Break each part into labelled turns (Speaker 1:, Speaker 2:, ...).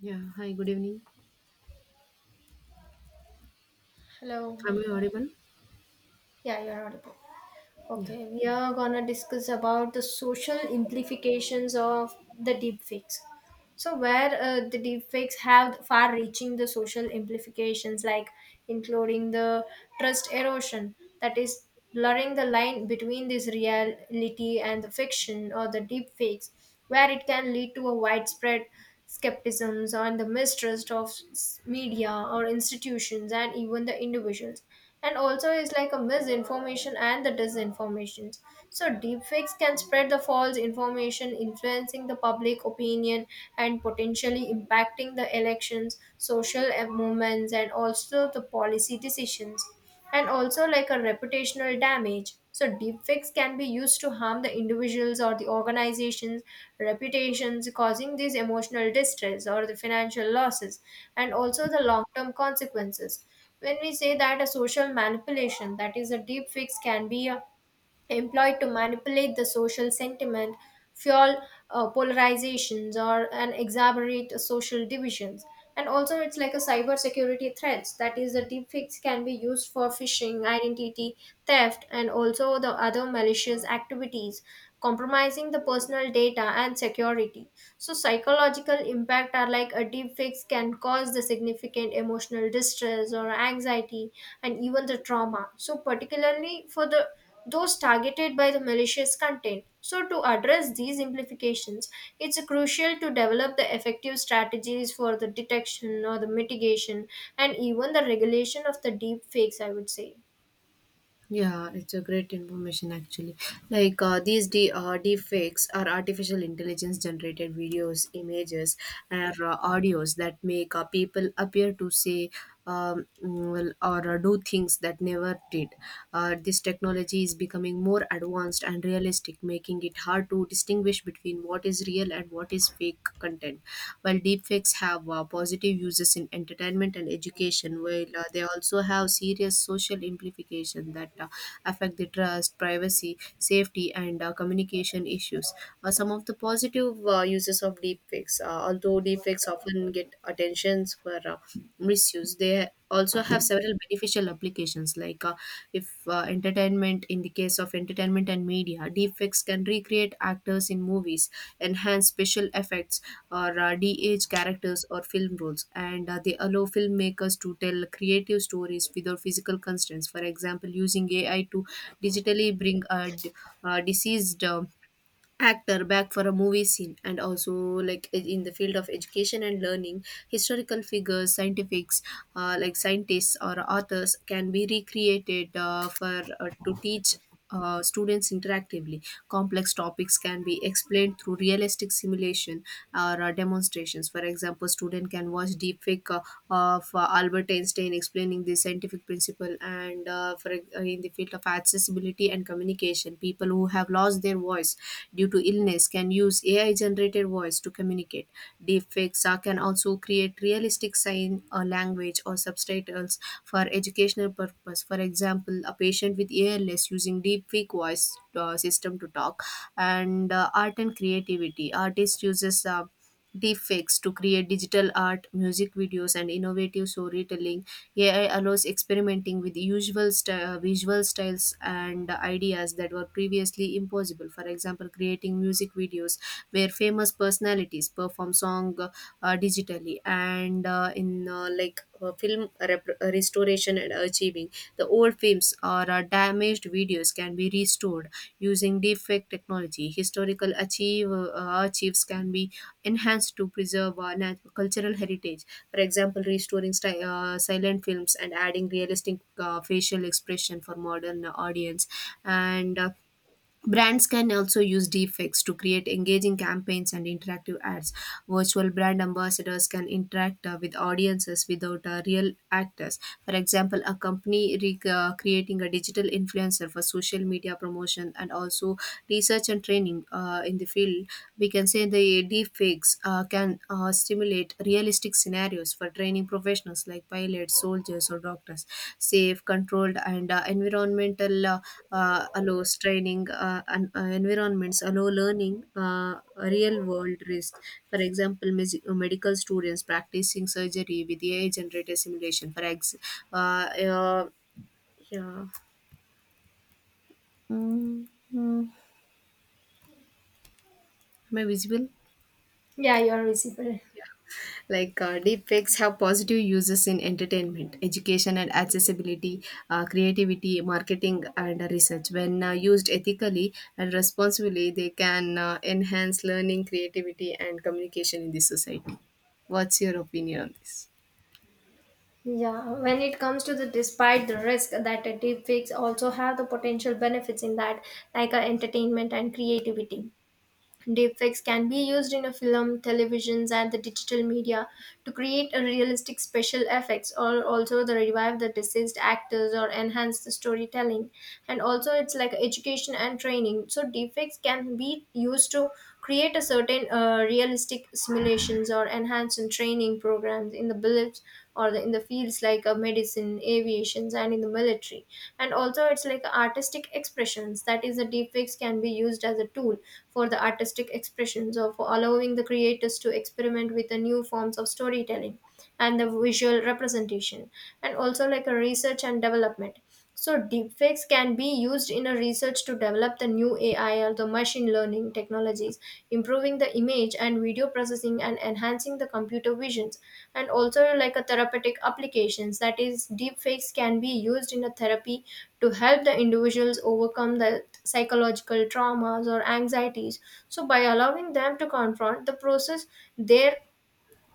Speaker 1: Yeah. Hi, good evening.
Speaker 2: Hello.
Speaker 1: Am I audible?
Speaker 2: Yeah, you're audible.
Speaker 1: Yeah.
Speaker 2: Okay, we are gonna discuss about the social implications of the deepfakes. So, where the deepfakes have far-reaching the social implications, like including the trust erosion, that is blurring the line between this reality and the fiction or the deepfakes, where it can lead to a widespread skepticisms and the mistrust of media or institutions and even the individuals. And also is like a misinformation and the disinformations, so deepfakes can spread the false information influencing the public opinion and potentially impacting the elections, social movements, and also the policy decisions. And also like a reputational damage. So deepfakes can be used to harm the individuals or the organizations' reputations, causing these emotional distress or the financial losses, and also the long-term consequences. When we say that a social manipulation, that is a deepfakes, can be a employed to manipulate the social sentiment, fuel polarizations, or and exacerbate social divisions. And also, it's like a cybersecurity threats. That is, the deepfakes can be used for phishing, identity theft, and also the other malicious activities, compromising the personal data and security. So, psychological impact are like a deepfakes can cause the significant emotional distress or anxiety, and even the trauma. So, particularly for the those targeted by the malicious content. So, to address these implications, it's crucial to develop the effective strategies for the detection or the mitigation and even the regulation of the deep fakes, I would say.
Speaker 1: Yeah, it's a great information actually. Like these deepfakes are artificial intelligence generated videos, images, and audios that make people appear to say well, or do things that never did. This technology is becoming more advanced and realistic, making it hard to distinguish between what is real and what is fake content. While deepfakes have positive uses in entertainment and education, while they also have serious social implications that affect the trust, privacy, safety, and communication issues. Some of the positive uses of deepfakes, although deepfakes often get attentions for misuse, they also have several beneficial applications, like if entertainment. In the case of entertainment and media, deepfakes can recreate actors in movies, enhance special effects, or de-age characters or film roles, and they allow filmmakers to tell creative stories without physical constraints. For example, using AI to digitally bring a deceased actor back for a movie scene. And also, like in the field of education and learning, historical figures, scientifics like scientists or authors can be recreated for to teach students interactively. Complex topics can be explained through realistic simulation or demonstrations. For example, student can watch deepfake of Albert Einstein explaining the scientific principle. In the field of accessibility and communication, people who have lost their voice due to illness can use AI generated voice to communicate. Deepfakes can also create realistic sign or language or subtitles for educational purpose. For example, a patient with ALS using deepfake voice system to talk. And art and creativity. Artist uses deepfakes to create digital art, music videos, and innovative storytelling. AI allows experimenting with usual visual styles and ideas that were previously impossible. For example, creating music videos where famous personalities perform song digitally. And in film restoration and archiving, the old films or damaged videos can be restored using deepfake technology. Historical achieve archives can be enhanced to preserve cultural heritage. For example, restoring silent films and adding realistic facial expression for modern audience. And brands can also use deepfakes to create engaging campaigns and interactive ads. Virtual brand ambassadors can interact with audiences without real actors. For example, a company creating a digital influencer for social media promotion. And also research and training in the field, we can say the deepfakes can stimulate realistic scenarios for training professionals like pilots, soldiers, or doctors. Safe, controlled, and environmental. Allows training and environments allow learning real world risks. For example, medical students practicing surgery with AI generated simulation. Uh, uh, yeah. Am I visible?
Speaker 2: Yeah, you're visible.
Speaker 1: Like deepfakes have positive uses in entertainment, education, and accessibility, creativity, marketing, and research. When used ethically and responsibly, they can enhance learning, creativity, and communication in the society. What's your opinion on this?
Speaker 2: Yeah, when it comes to the despite the risk that a deepfakes also have the potential benefits in that, like entertainment and creativity. Deepfakes can be used in a film, televisions, and the digital media to create a realistic special effects, or also the revive the deceased actors or enhance the storytelling. And also, it's like education and training. So deepfakes can be used to create a certain realistic simulations or enhance in training programs in the beliefs or the, in the fields like medicine, aviations, and in the military. And also it's like artistic expressions, that is the deepfakes can be used as a tool for the artistic expressions of allowing the creators to experiment with the new forms of storytelling and the visual representation. And also like a research and development, so deepfakes can be used in a research to develop the new AI or the machine learning technologies, improving the image and video processing and enhancing the computer visions. And also like a therapeutic applications, that is deepfakes can be used in a therapy to help the individuals overcome the psychological traumas or anxieties. So by allowing them to confront the process their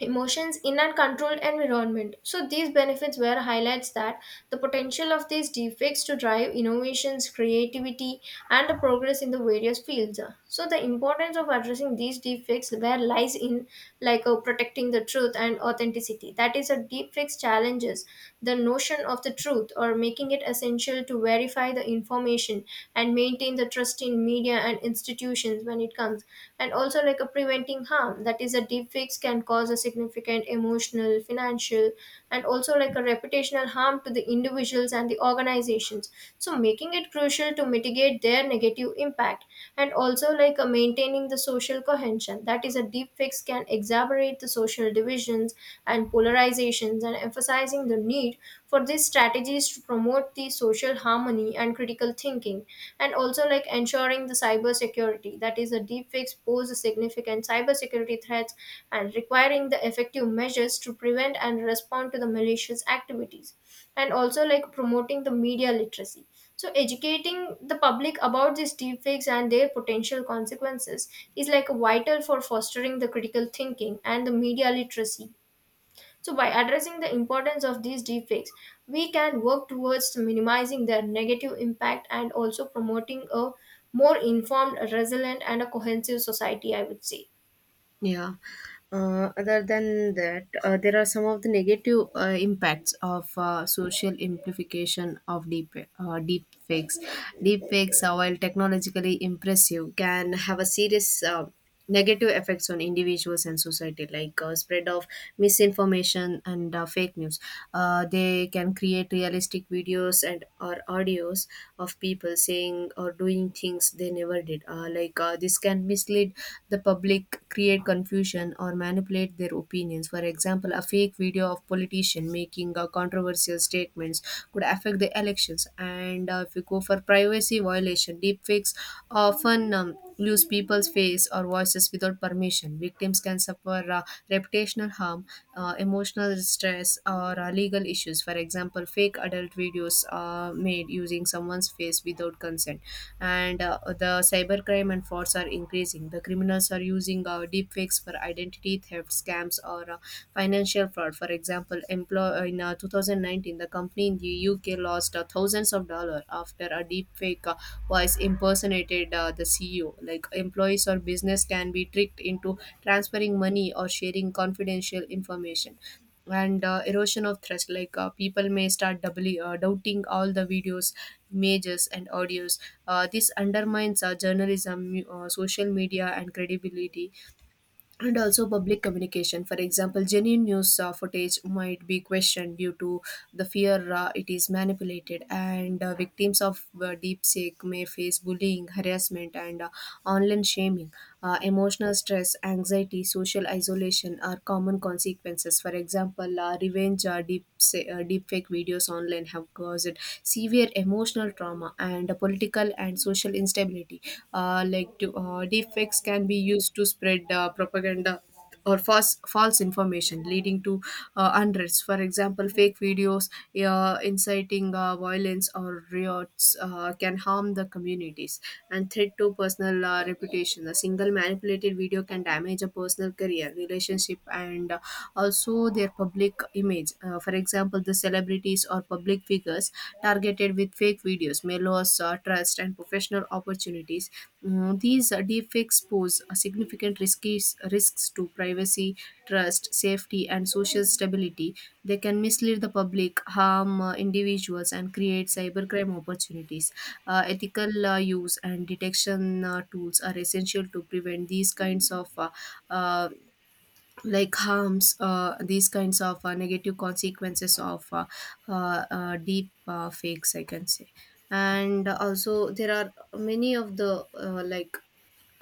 Speaker 2: emotions in an controlled environment. So these benefits were highlights that the potential of these defects to drive innovations, creativity, and the progress in the various fields. So the importance of addressing these defects where lies in like protecting the truth and authenticity. That is, a deep fix challenges the notion of the truth or making it essential to verify the information and maintain the trust in media and institutions when it comes. And also, like a preventing harm, that is, a deep fix can cause a significant emotional, financial, and also like a reputational harm to the individuals and the organizations, so making it crucial to mitigate their negative impact. And also like a maintaining the social cohesion, that is a deep fix can exacerbate the social divisions and polarizations and emphasizing the need for these strategies to promote the social harmony and critical thinking. And also like ensuring the cyber security, that is a deep fix pose a significant cyber security threats and requiring the effective measures to prevent and respond to the malicious activities. And also like promoting the media literacy, so educating the public about these deepfakes and their potential consequences is like vital for fostering the critical thinking and the media literacy. So by addressing the importance of these deepfakes, we can work towards minimizing their negative impact and also promoting a more informed, resilient, and a cohesive society, I would say.
Speaker 1: Yeah. Other than that, there are some of the negative impacts of social amplification of deep fakes. Deep fakes, while technologically impressive, can have a serious negative effects on individuals and society, like spread of misinformation and fake news. They can create realistic videos and or audios of people saying or doing things books they never did, this can mislead the public, create confusion, or manipulate their opinions. For example, a fake video of politician making controversial statements could affect the elections. And if you go for privacy violation, deepfakes often use people's face or voices without permission. Victims can suffer reputational harm, emotional stress, or legal issues. For example, fake adult videos made using someone's face without consent. And the cybercrime and frauds are increasing. The criminals are using deepfakes tactics for identity theft scams or financial fraud. For example, in 2019, the company in the UK lost thousands of dollars after a deepfake voice impersonated the CEO. Like employees or business can be tricked into transferring money or sharing confidential information. And erosion of trust. Like people may start doubly doubting all the videos, images, and audios. This undermines journalism, social media, and credibility, and also public communication. For example, genuine news footage might be questioned due to the fear it is manipulated. And victims of deep may face bullying, harassment, and online shaming. Emotional stress, anxiety, social isolation are common consequences. For example, revenge deepfake videos online have caused severe emotional social trauma and political and social instability. Deepfakes can be used to spread propaganda or false information leading to unrest. For example, fake videos inciting violence or riots can harm the communities. And threat to personal reputation. A single manipulated video can damage a personal career, relationship, and also their public image. For example, the celebrities or public figures targeted with fake videos may lose trust and professional opportunities. These deepfakes pose significant risks to privacy, trust, safety, and social stability. They can mislead the public, harm individuals, and create cybercrime opportunities. Ethical use and detection tools are essential to prevent these kinds of uh, harms, these kinds of negative consequences of deep fakes, I can say. And also, there are many of the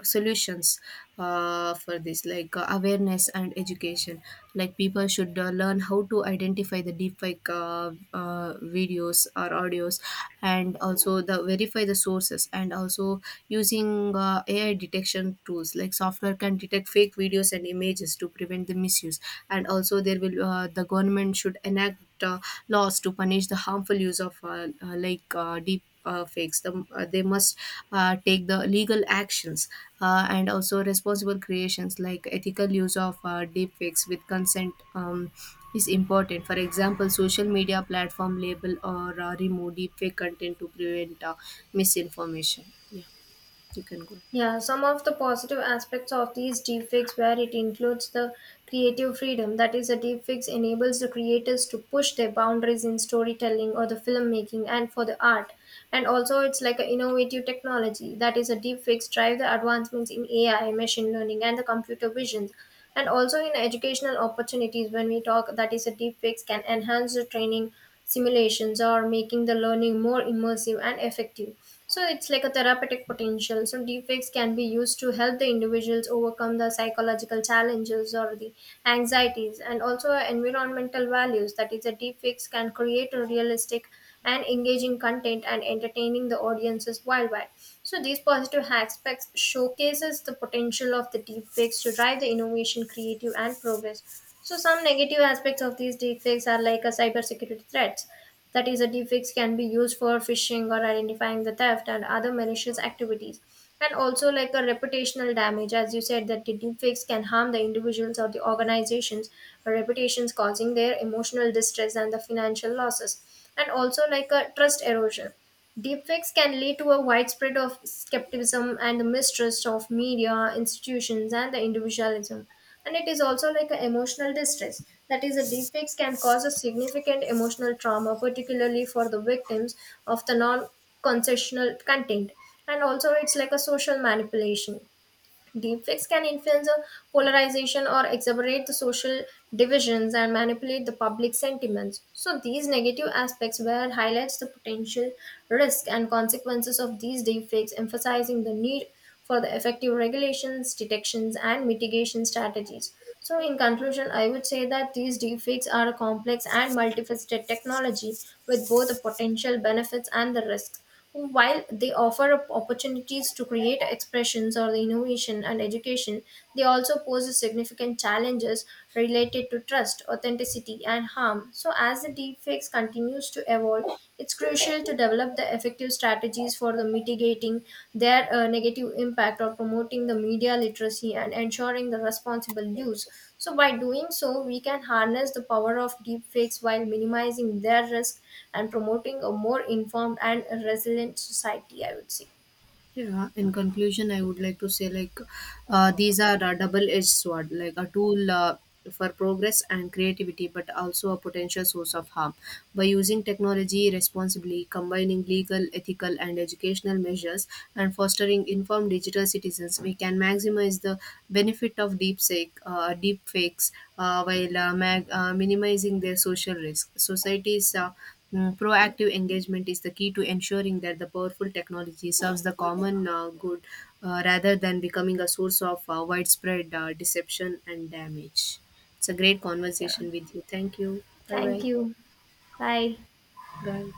Speaker 1: solutions for this. Like awareness and education, like people should learn how to identify the deepfake videos or audios, and also the verify the sources. And also using AI detection tools, like software can detect fake videos and images to prevent the misuse. And also there will, the government should enact laws to punish the harmful use of deep fakes. They must take the legal actions. And also responsible creations, like ethical use of deep fakes with consent is important. For example, social media platform label or remove deepfake content to prevent misinformation. Yeah, you can go.
Speaker 2: Yeah, some of the positive aspects of these deepfakes where it includes the creative freedom. That is, a deepfakes enables the creators to push their boundaries in storytelling or the filmmaking and for the art. And also, it's like an innovative technology. That is, a deepfakes drive the advancements in AI, machine learning, and the computer vision. And also in educational opportunities, when we talk, that is, a deepfakes can enhance the training simulations or making the learning more immersive and effective. So it's like a therapeutic potential. So deepfakes can be used to help the individuals overcome the psychological challenges or the anxieties. And also environmental values. That is, the deepfakes can create a realistic and engaging content and entertaining the audiences worldwide. So these positive aspects showcases the potential of the deepfakes to drive the innovation, creative, and progress. So some negative aspects of these deepfakes are like a cybersecurity threats. That is, a deepfakes can be used for phishing or identifying the theft and other malicious activities. And also like a reputational damage, as you said, that the deepfakes can harm the individuals or the organizations' reputations, causing their emotional distress and the financial losses. And also like a trust erosion. Deepfakes can lead to a widespread of skepticism and the mistrust of media, institutions, and the individualism. And it is also like an emotional distress. That is, the deepfakes can cause a significant emotional trauma, particularly for the victims of the non concessional content. And also, it's like a social manipulation. Deepfakes can influence a polarization or exacerbate the social divisions and manipulate the public sentiments. So these negative aspects where highlights the potential risk and consequences of these deepfakes, emphasizing the need for the effective regulations, detections, and mitigation strategies. So in conclusion, I would say that these deepfakes are a complex and multifaceted technology with both the potential benefits and the risks who, while they offer up opportunities to create expressions or the innovation and education, they also pose significant challenges related to trust, authenticity, and harm. So, as the deepfakes continues to evolve, it's crucial to develop the effective strategies for the mitigating their negative impact or promoting the media literacy and ensuring the responsible use. So, by doing so, we can harness the power of deepfakes while minimizing their risk and promoting a more informed and resilient society, I would say.
Speaker 1: Yeah. In conclusion, I would like to say, like these are a double-edged sword, like a tool for progress and creativity, but also a potential source of harm. By using technology responsibly, combining legal, ethical, and educational measures, and fostering informed digital citizens, we can maximize the benefit of deep fakes, while minimizing their social risk. Societies. Proactive engagement is the key to ensuring that the powerful technology serves the common good, rather than becoming a source of widespread deception and damage. It's a great
Speaker 2: Yeah.
Speaker 1: conversation with you. Thank you. Bye
Speaker 2: Thank
Speaker 1: bye.
Speaker 2: you. Bye.
Speaker 1: Bye.